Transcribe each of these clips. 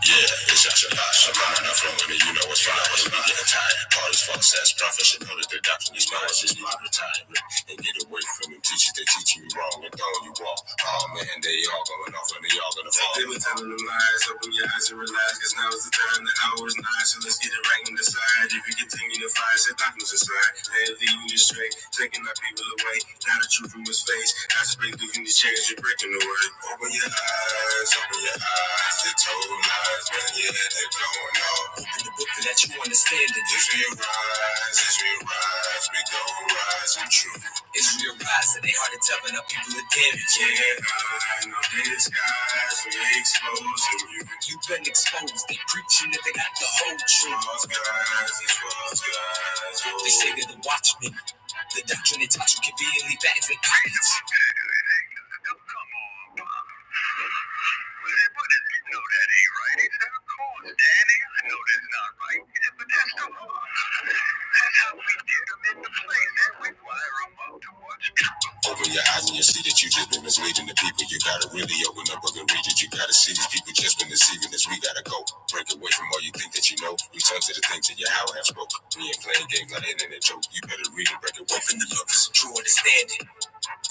Yeah, it's just your past. I'm high enough from money. you know what's fine. When I'm getting tired, hard as fuck, says prophet should notice the doctrine is mine. It's just my retirement. And get away from them teachers, they teach you wrong. And down you walk. Oh man, they all going off and they all gonna fall. They were telling them lies. Open your eyes and realize, cause now is the time, the hour is nigh. So let's get it right and decide. If you get we continue to find set darkness is right. They leading you straight, taking our people away. Now the truth from his face. As break through these chains, you're breaking the word. Open your eyes, open your eyes. They told lies, but yeah, they're blowing off. Open the book so that you understand it. As we rise, as we rise, we gon' rise in truth. It's real rise, so they hard to tell, but our people are damaged. Yeah, I know this guy's really exposing you. You've been exposed. They preaching that they got the whole truth. False guys, it's false guys. They say they're the watchmen. The doctrine they taught you can be illy bags and pirates. But but if you that ain't right, he said, of course, Danny, I know that's not right. He said, but that's the law. That's how we get them into place, and we wire them up to what's coming. Open your eyes and you see that you just been misleading the people. You gotta really open up and read it. You gotta see these people just been deceiving us. We gotta go. Break away from all you think that you know. Return to the things that your how have spoke. We ain't playing games like internet joke. You better read and break away from the looks. True understanding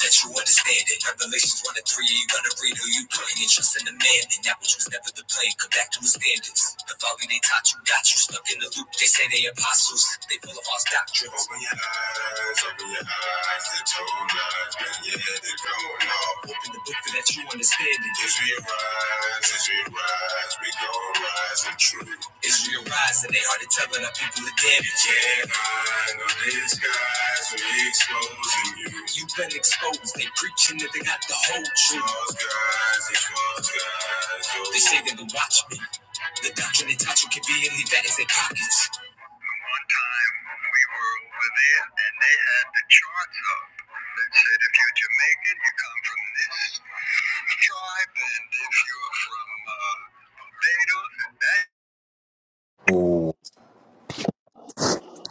that you understand it. Revelations 1 and 3, you wanna read who you playing and trust in the man, and that which was never the plan, come back to his standards. The folly they taught you got you stuck in the loop. They say they apostles, they full of false doctrines. Open your eyes, open your eyes, the told lies, been your head, are going off. Open the book for that you understand it. Israel rise, as we rise, we gon' rise in truth. It's rise, and they hard to tell when our people are dead. You can't hide on these guys, we exposing you. You've been exposed, they preaching that they got the whole truth. False guys, these false guys, oh. They say they the watchmen. The doctrine they taught you can be and leave that in their pockets. One time when we were over there and they had the charts up that said if you're Jamaican, you come from this tribe, and if you're from uh,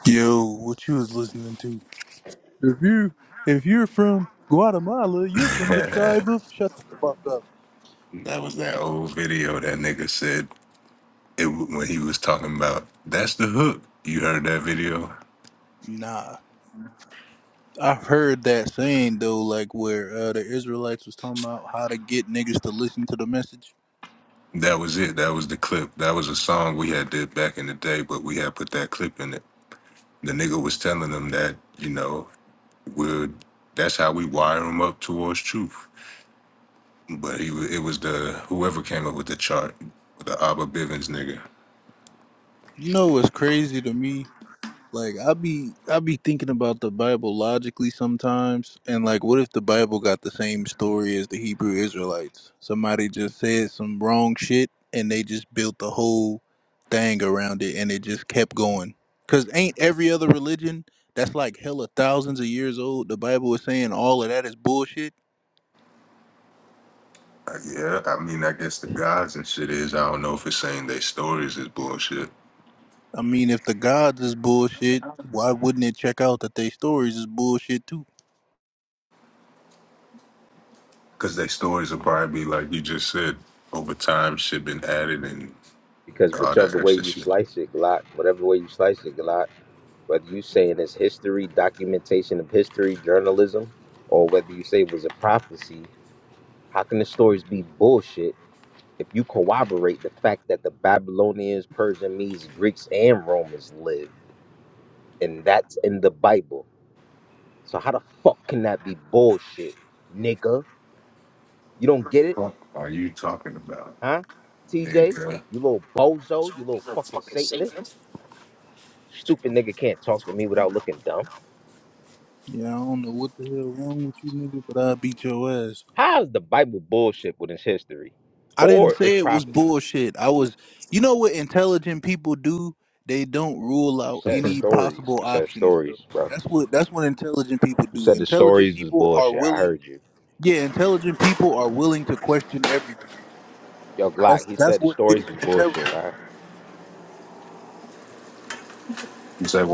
Yo, what you was listening to? If you if you're from Guatemala, you're from the Barbados, and that. Oh, tribe of shut the fuck up. that was that old video that nigga said it when he was talking about that's the hook. You heard that video? Nah. I've heard that saying though, like where uh, the Israelites was talking about how to get niggas to listen to the message. That was it. That was the clip. That was a song we had did back in the day, but we had put that clip in it. The nigga was telling them that, you know, we are that's how we wire them up towards truth. But he, wa- it was the whoever came up with the chart, the Abba Bivens nigga. You know what's crazy to me? Like I be I be thinking about the Bible logically sometimes, and like, what if the Bible got the same story as the Hebrew Israelites? Somebody just said some wrong shit, and they just built the whole thing around it, and it just kept going. Cause ain't every other religion that's like hella thousands of years old? The Bible is saying all of that is bullshit. Uh, Yeah, I mean, I guess the gods and shit is. I don't know if it's saying they stories is bullshit, I mean, if the gods is bullshit, why wouldn't it check out that they stories is bullshit too? because they stories will probably be like you just said. Over time, shit been added and because all whichever that way extra you shit. slice it, Glock, whatever way you slice it, Glock, whether you saying it's history, documentation of history, journalism, or whether you say it was a prophecy, how can the stories be bullshit if you corroborate the fact that the Babylonians, Persian, Medes, Greeks, and Romans lived, and that's in the Bible? So how the fuck can that be bullshit, nigga? You don't get it, huh? TJ, you little bozo, you little fucking Satanist, stupid nigga can't talk to me without looking dumb. Yeah, I don't know what the hell wrong with you, nigga, but I'll beat your ass. How is the Bible bullshit when it's history I didn't or it's say it was prophecy? bullshit. I was, you know what intelligent people do? They don't rule You out said any stories. possible You said options, bro. stories, bro. That's what that's what intelligent people You do. said the Intelligent stories was people are bullshit. I willing, heard you. yeah, intelligent people are willing to question everything. Yo, Glock, That's he that's said the what makes stories them was intelligent. bullshit, right?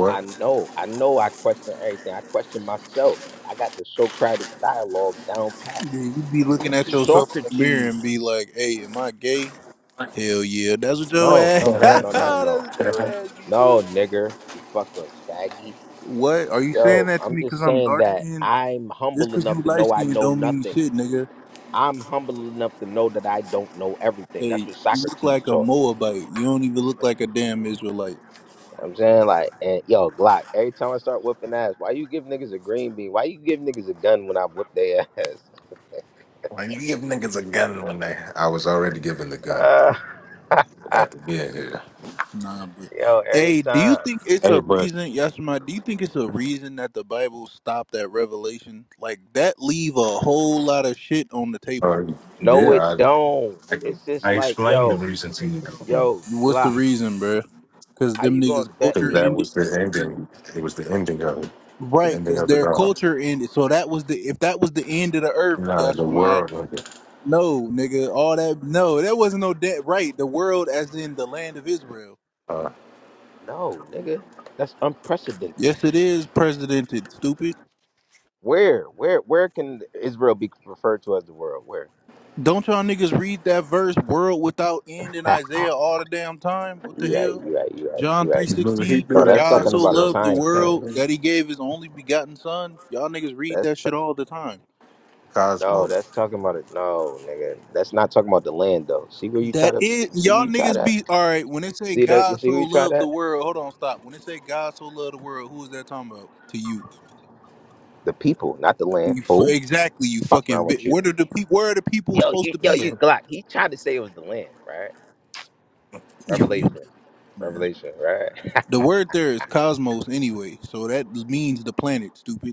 I know. I know I question everything. I question myself. I got the Socratic dialogue down pat. Yeah, you be looking at yourself in the mirror Socrates. and be like, "Hey, am I gay?" Hell yeah, that's what your No, ass. no, no, that's no, no, no, no. what your ass be No, doing, nigga. nigger. You fucking faggy. What are you saying Yo, that to I'm me? Cause just I'm saying dark that skinned I'm Just humble cause enough you to light know I skinned know don't mean nothing. shit, nigga. I'm humble enough to know that I don't know everything. That's Hey, what you look Socrates like a taught. You Moabite. You don't even look like a damn Israelite. know what I'm saying like, and yo, Glock. Every time I start whipping ass, why you give niggas a green bean? Why you give niggas a gun when I whip their ass? Why you give niggas a gun when they. I was already given the gun. Ah, Have to be in here. Nah, but yo, every hey, do you time. think it's Hey, a but reason, Yashima? Do you think it's a reason that the Bible stopped at Revelation? Like that leave a whole lot of shit on the table. uh, No, it yeah, don't. It's just like, yo, yo, What's the Glock. reason, bruh? Cause How them you niggas gonna bet because culture that me? ended. was the ending. It was the ending of it. The Right, ending cause of it their all. culture ended. So that was the if that was the end of the earth, Nah, the Yashima. world of it. No, nigga, all that no, that wasn't no debt. Right, the world as in the land of Israel. No, nigga, that's unprecedented. Yes, it is precedented. Stupid. Where, where, where can Israel be referred to as the world? Where? Don't y'all niggas read that verse world without end in you Isaiah all the damn time? What the right, hell? you right, you right, you John right. He knew, he 3:16 knew for No, that's that God shit talking so was about a loved coming. the time frame. world that he gave his only begotten son. Y'all niggas read That's that t- shit all the time. no, Cosmos. that's talking about it. No, nigga, that's not talking about the land though. See where you try That to is see where y'all you try niggas that. be all right when it say See that you God see so where you try loved the that. world. Hold on, stop. When it say God so loved the world, who is that talking about to you? The people, not the land. You f- Fool, exactly, you fuck fucking around bit. with you. Where do the people where are the people Yo, supposed you to yo be at? you Glock. He tried to say it was the land, right? You, you Revelation, man. revelation, right? The word there is cosmos anyway, so that means the planet, stupid.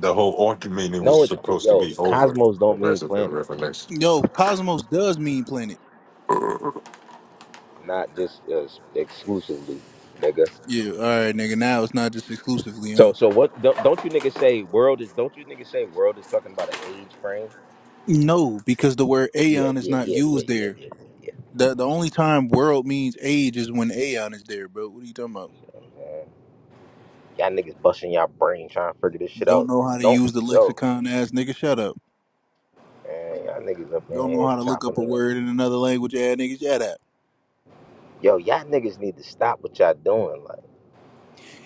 The whole argument it was No, it, supposed to yo, be over. cosmos The don't mean rest of the planet, revelation. Yo, Cosmos does mean planet. not just uh, exclusively, nigga. Yeah, all right, nigga. Now it's not just exclusively, huh? So so what? Don't, don't you niggas say world is? Don't you niggas say world is talking about an age frame? No, because the word Yeah, aeon is yeah, not yeah, yeah, used yeah, there. yeah, yeah, yeah. The the only time world means age is when aeon is there, bro. What are you talking about? yeah, Man. Y'all niggas busting y'all brain trying to figure this shit Don't out. know how to Don't use the yo, lexicon, ass nigga. Shut up. man. Y'all niggas up in Don't know here how to look chopping up a it up. word in another language, ass nigga. Shut up. Yo, y'all niggas need to stop what y'all doing. Like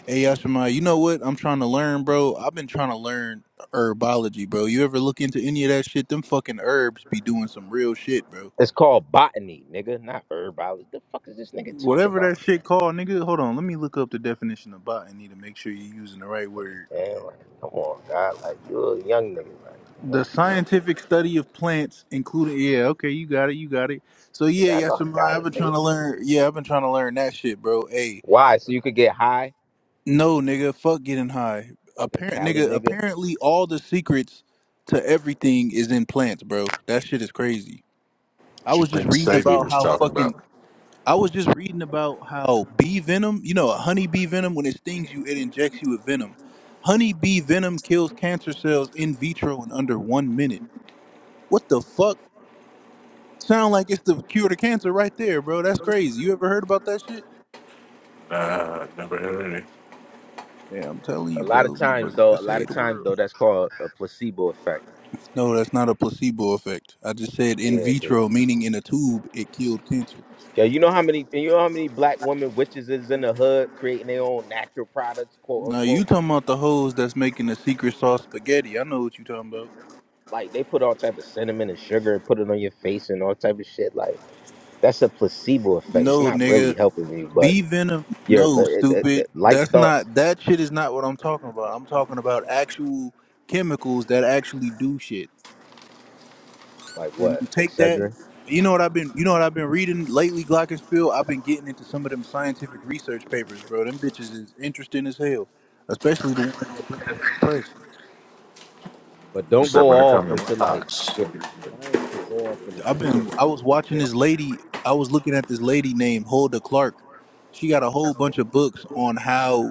Hey, Yashima, you know what? I'm trying to learn, bro. I've been trying to learn herbology, bro. You ever look into any of that shit? Them fucking herbs be doing some real shit, bro. it's called botany, nigga, not herbology. The fuck is this nigga talking Whatever about? that shit called, nigga. Hold on, let me look up the definition of botany to make sure you're using the right word. man, like, come on, God. Like you a young nigga. Like, come The on. scientific study of plants, including yeah, okay, you got it, you got it. So yeah, Nigga, I yes, know I i got have it, been trying nigga. to learn. Yeah, I've been trying to learn that shit, bro. Hey, Why? So you could get high? no, nigga, fuck getting high. Fucking Apparent, Cali nigga. nigga. Apparently, all the secrets to everything is in plants, bro. That shit is crazy. I What you was just think reading No, it's Sadie about was how talking fucking about? I was just reading about how bee venom, you know, a honey bee venom, when it stings you, it injects you with venom. Honey bee venom kills cancer cells in vitro in under one minute. What the fuck? Sound like it's the cure to cancer right there, bro. That's crazy. You ever heard about that shit? Yeah, I'm telling a you, lot of bro. times Motherfuckers though, could a lot save of the times world. though, that's called a placebo effect. No, that's not a placebo effect. I just said in Yeah, 'cause vitro, meaning in a tube, it killed cancer. Yeah, you know how many you know how many black women witches is in the hood creating their own natural products, quote Now you unquote. talking about the hoes that's making the secret sauce spaghetti. I know what you talking about. Like they put all type of cinnamon and sugar and put it on your face and all type of shit. Like that's a placebo effect. It's No, not nigga. really helping you, but B Venom, your no, stupid. like That's thoughts, not that shit is not what I'm talking about. I'm talking about actual chemicals that actually do shit. like And what, you take that etc. you know what I've been you know what I've been reading lately, Glockenspiel? I've been getting into some of them scientific research papers, bro. Them bitches is interesting as hell. Especially the ones that been like suppressed. But He don't said go when it off comes to into ah like shit. science could go off in a I've been I pseudoscience. was Be watching this careful. lady I was looking at this lady named Hulda Clark. She got a whole bunch of books on how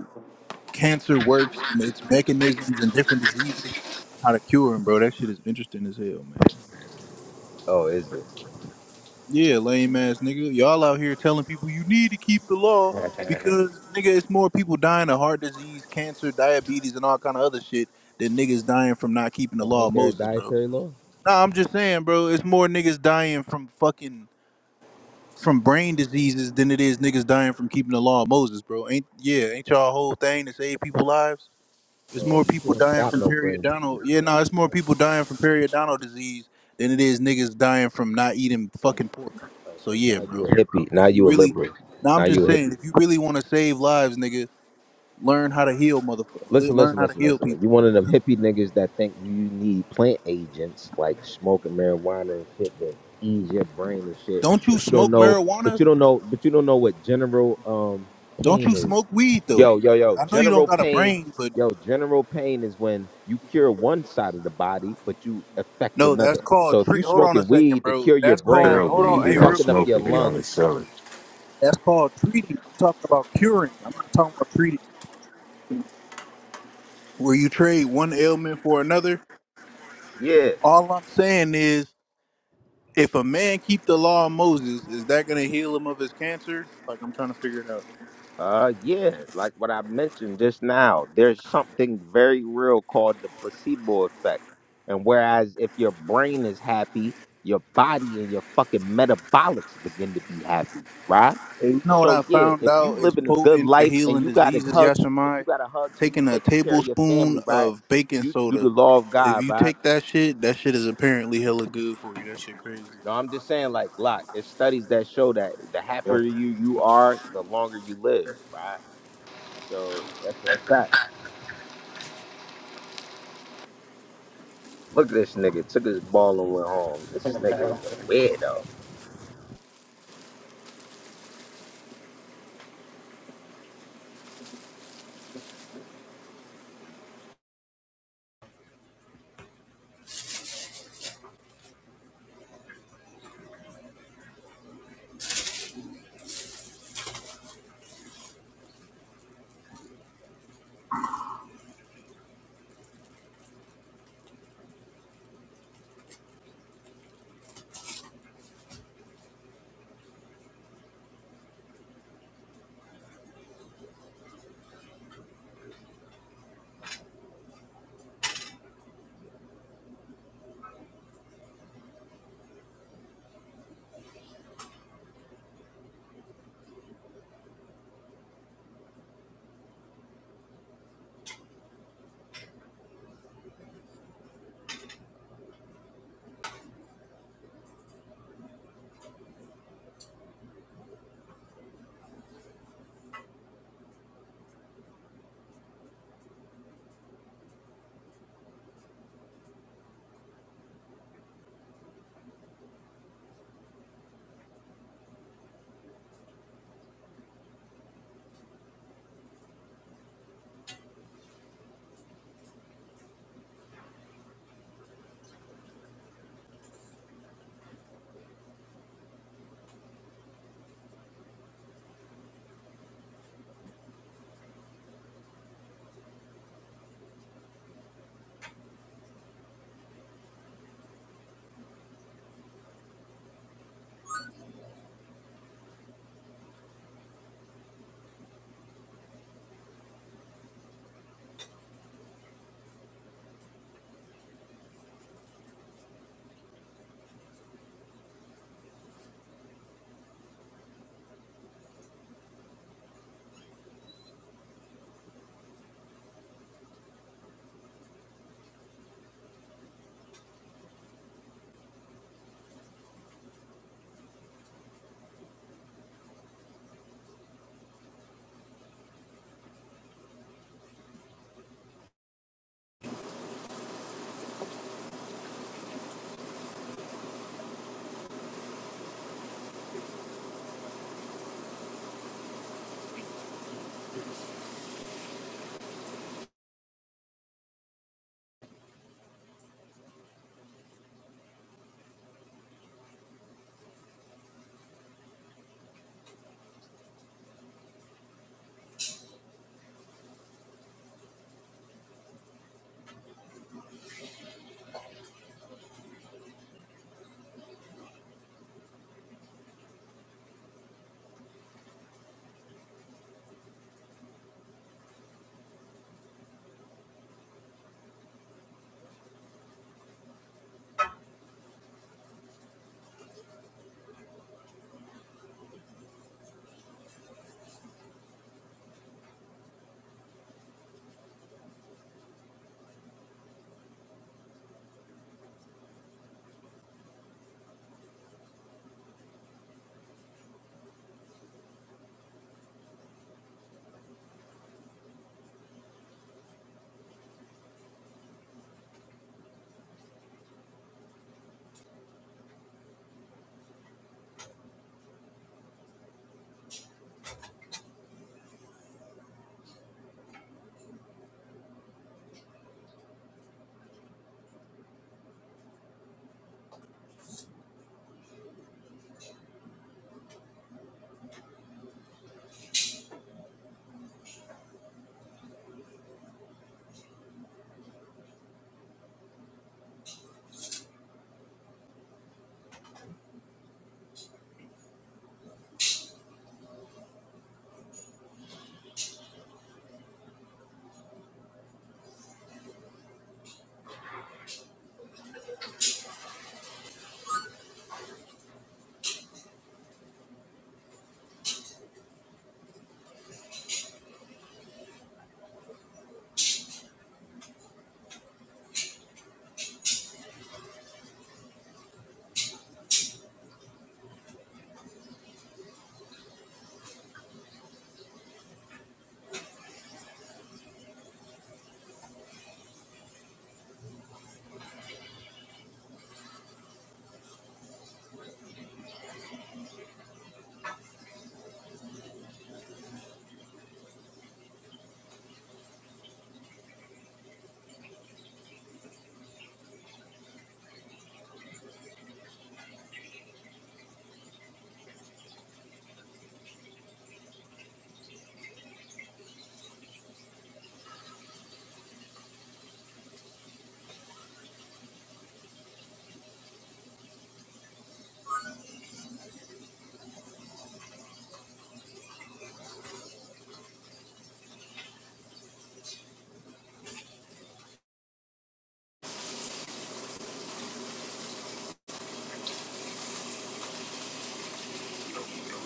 cancer works and its mechanisms and different diseases and how to cure them, bro. That shit is interesting as hell, man. Oh, is it? Yeah, lame ass nigga. Y'all out here telling people you need to keep the law because nigga, it's more people dying of heart disease, cancer, diabetes, and all kind of other shit than niggas dying from not keeping the So law ain't of there a Moses, bro. dietary law? Nah, I'm just saying, bro. It's more niggas dying from fucking from brain diseases than it is niggas dying from keeping the law of Moses, bro. Ain't yeah? Ain't y'all whole thing to save people lives? It's Uh, more you people can't dying stop from no brain. periodontal. Yeah, no, it's more people dying from periodontal disease than it is niggas dying from not eating fucking pork. Uh, So so yeah, now you a bro. hippie. If Now you you a really, liberal. now I'm Now just you a hippie. saying, if you really want to save lives, nigga, learn how to heal, motherfucker. Le- Listen, Learn listen, how to listen, heal listen. listen. people. You one of them Simple. hippie niggas that think you need plant agents like smoking marijuana and shit to ease your brain and shit, Don't you but you don't smoke know, marijuana? but you don't know, but you don't know what general um Don't pain you is. smoke weed though? Yo, yo, Like yo, I know you don't general got a pain. brain, but Yo, general pain is when you cure one side of the body, but you affect no, that's another. called So if treat. you Hold on a smoking second, weed to bro. cure your That's called. brain, Sell Hold weed. on, you He hey, don't real fucking up quick. smoke your it. He only lungs. sell it. That's called treating. I'm talking about curing. I'm not talking about treating. where you trade one ailment for another. Yeah. All I'm saying is, if a man keep the law of Moses, is that gonna heal him of his cancer? Like I'm trying to figure it out. Uh, yeah, like what I mentioned just now, there's something very real called the placebo effect. And whereas if your brain is happy, your body and your fucking metabolics begin to be happy, right? And you know what So I yeah, found if out you is living a good potent for life and healing you got a diseases, hug, if you Yashamai? got a hug and you Taking a taking care of your tablespoon family, right? of baking You do the soda. law of If God, you right? take that shit, that shit is apparently hella good for you. That shit crazy. No, I'm just saying, like, like it's studies that show that the happier you you are, the longer you live, right? So that's a fact. Look at this nigga. Took his ball and went home. This nigga is a weirdo.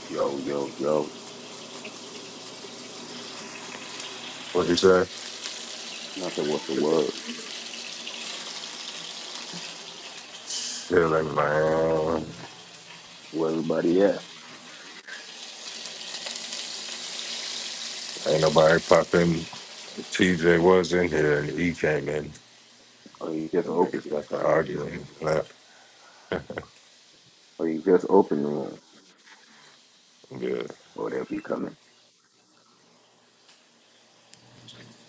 yo, yo, yo. What he say? And I said, what's the word? He like man, Where everybody at? ain't nobody popping. TJ was in here and E came in. Or you just Them opened Niggas it. got to arguing. Left. Or you just opened the room. Yeah. Or they'll be coming.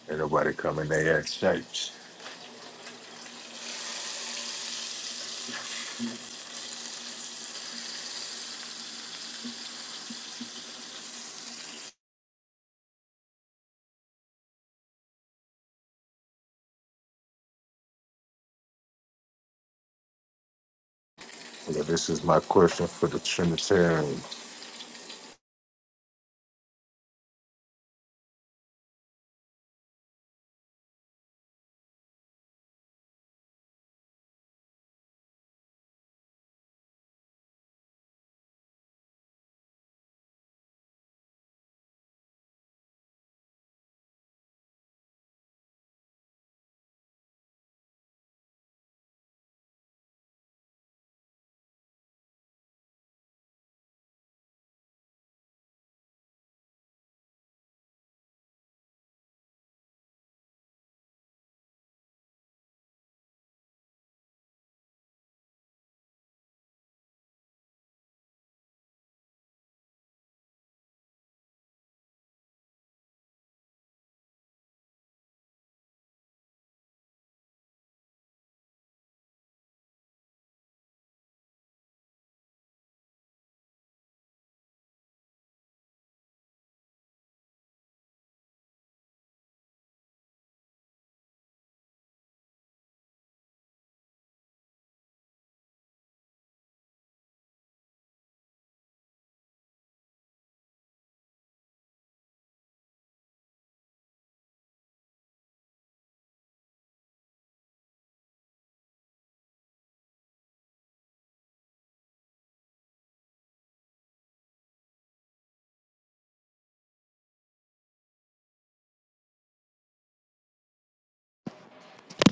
Ain't nobody coming they act shapes.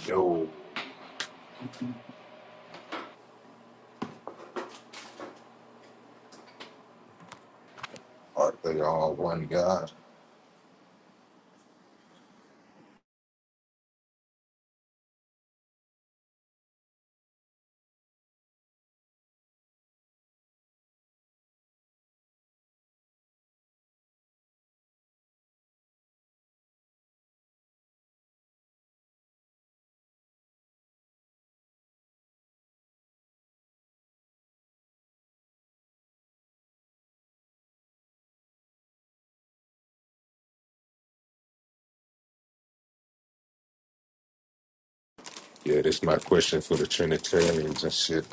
Yo, are they all one God? Yeah, this my question for the Trinitarians and shit.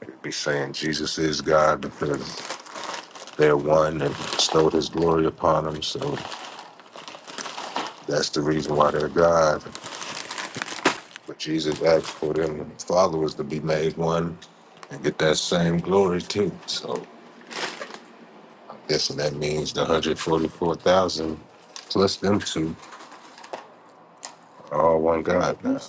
They be saying Jesus is God because they're one and bestowed his glory upon them, so that's the reason why they're God. But Jesus asked for them followers to be made one and get that same glory too. So Yes, and that means the 144,000 plus them two are all one God now.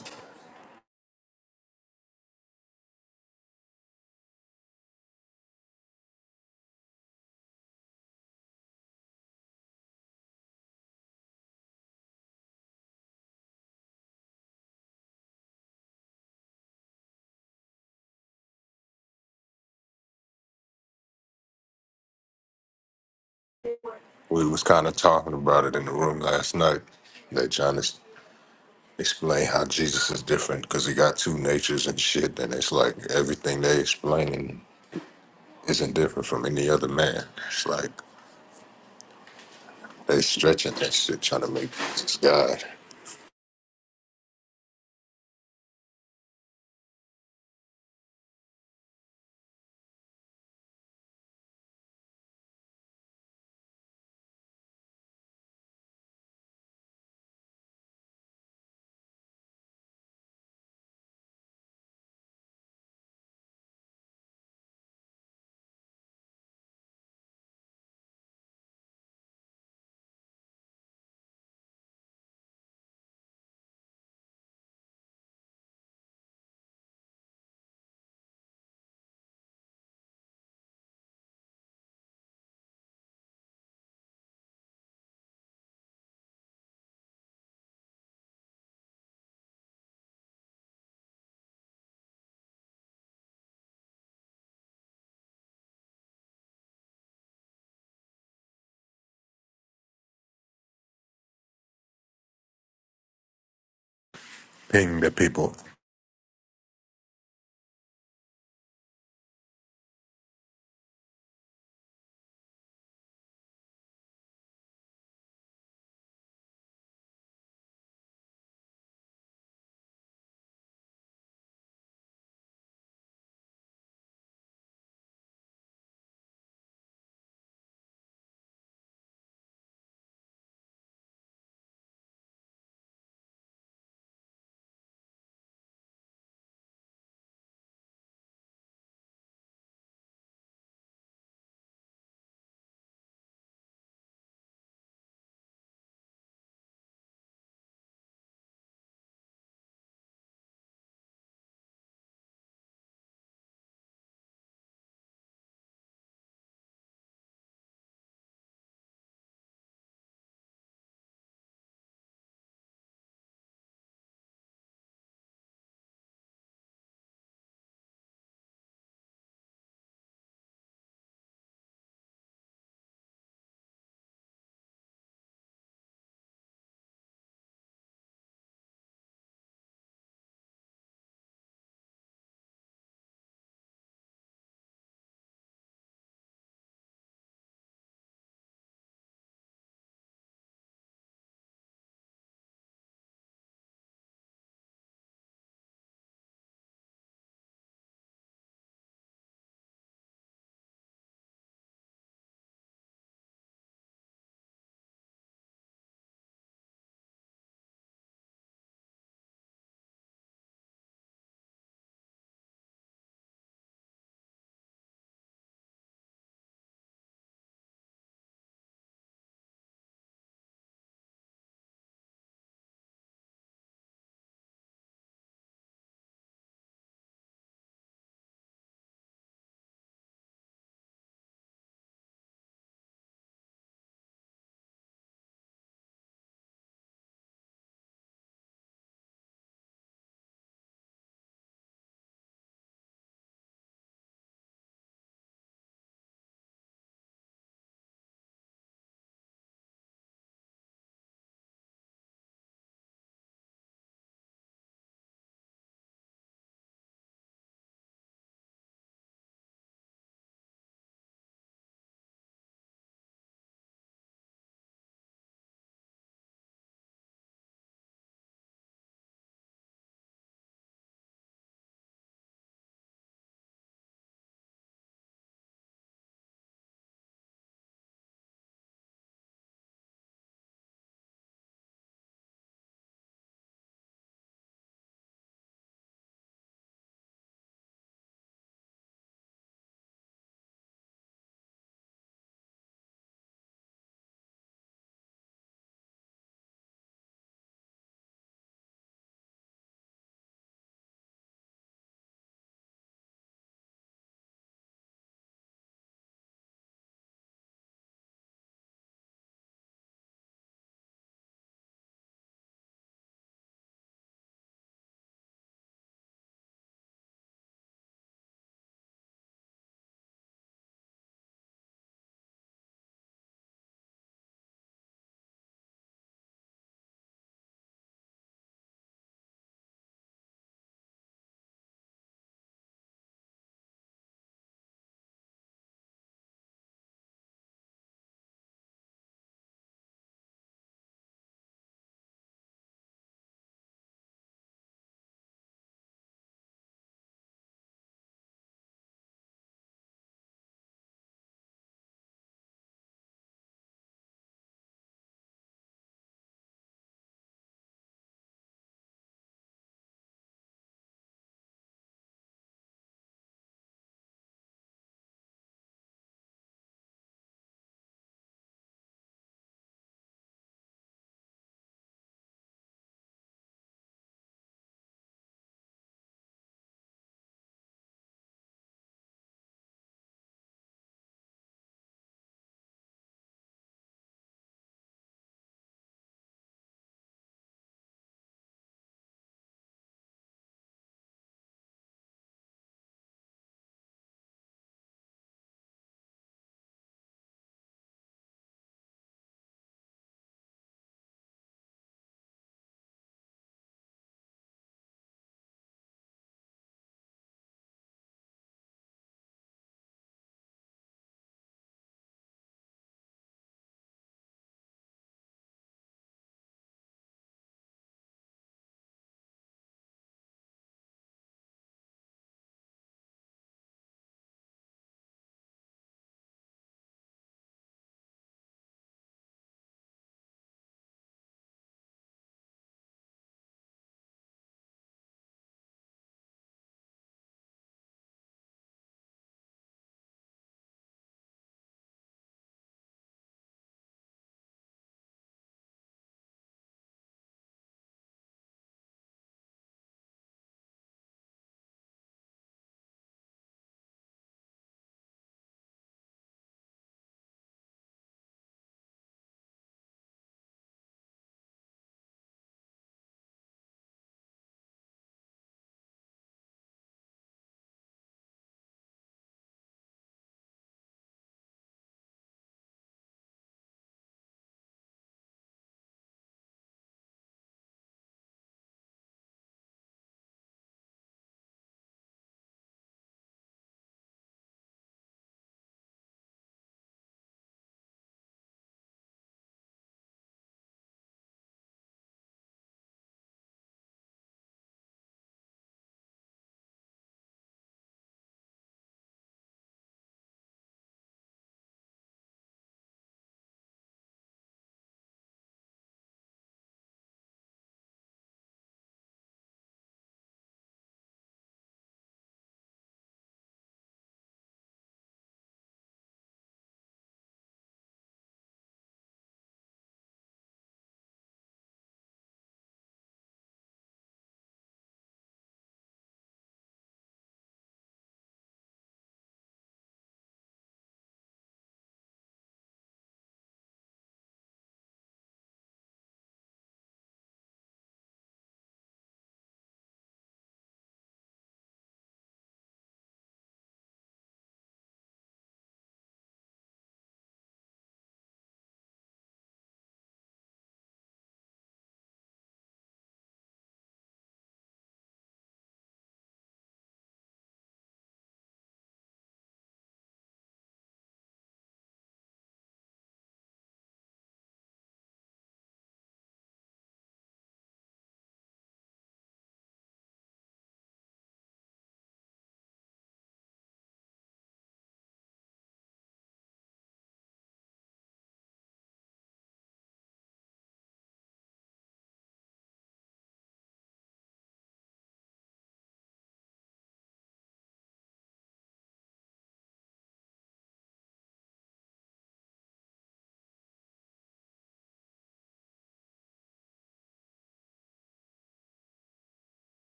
We was kind of talking about it in the room last night. That John is explain how Jesus is different because he got two natures and shit, and it's like everything they explaining isn't different from any other man. It's like they stretching that shit, trying to make Jesus God.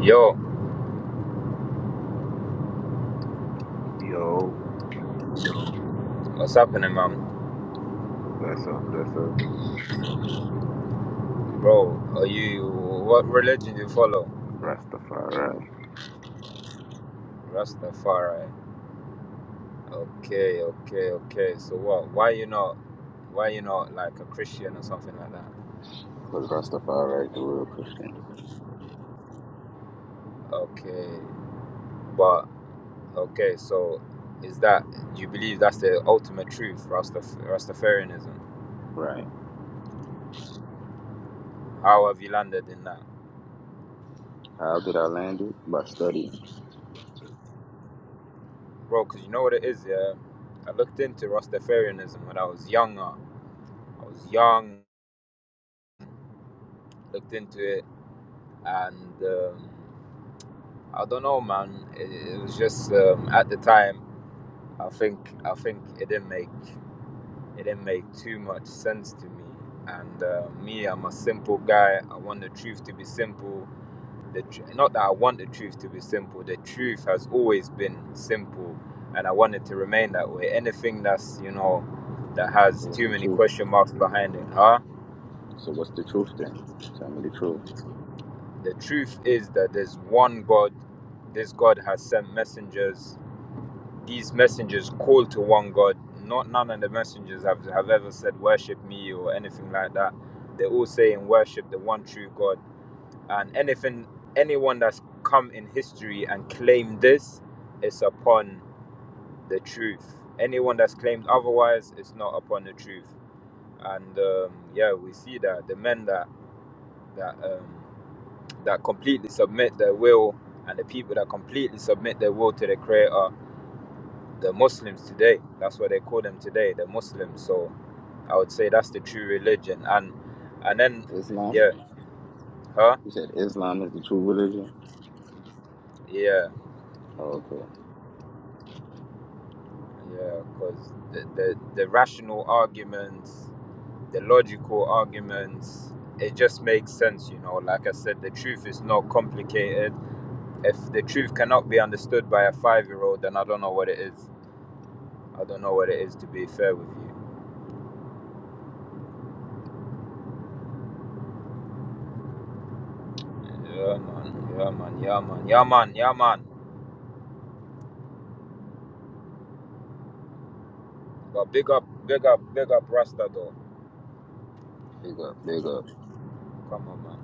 Yo, Yo, what's happening, man? that's up, that's up. Bro, are you what religion do you follow? Rastafari. Rastafari. Okay, okay, okay. So what? Why you not? Why you not like a Christian or something like that? Because Rastafari is the real Christian. Okay, but okay. So is that do you believe that's the ultimate truth, Rastaf- Rastafarianism? Right. How have you landed in that, How did I land it? By studying. bro? Because you know what it is, yeah. I looked into Rastafarianism when I was younger. I was young, looked into it, and. Um, I don't know, man. It, it was just um, at the time. I think I think it didn't make it didn't make too much sense to me. And uh, me, I'm a simple guy. I want the truth to be simple. The tr- not that I want the truth to be simple. The truth has always been simple, and I want it to remain that way. Anything that's you know that So has what's too the many truth? question marks behind it, huh? So what's the truth then? Tell me the truth. The truth is that there's one God. This God has sent messengers these messengers call to one God. Not none of the messengers have, have ever said worship me or anything like that. They're all saying worship the one true God. And anything anyone that's come in history and claimed this is upon the truth. Anyone that's claimed otherwise is not upon the truth. And um, yeah, we see that the men that that um, that completely submit their will and the people that completely submit their will to the Creator the Muslims today. That's what they call them today, the Muslims. So I would say that's the true religion. And and then Islam? yeah, huh? You said Islam is the true religion? Yeah, Oh, Okay. yeah. Because the, the the rational arguments, the logical arguments, it just makes sense. You know, like I said, the truth is not complicated. If the truth cannot be understood by a five-year-old, then I don't know what it is. I don't know what it is. To be fair with you. Yeah man, yeah man, yeah man, yeah man, yeah man. But big up, big up, big up Rasta though. Big up, big up. Come on, man.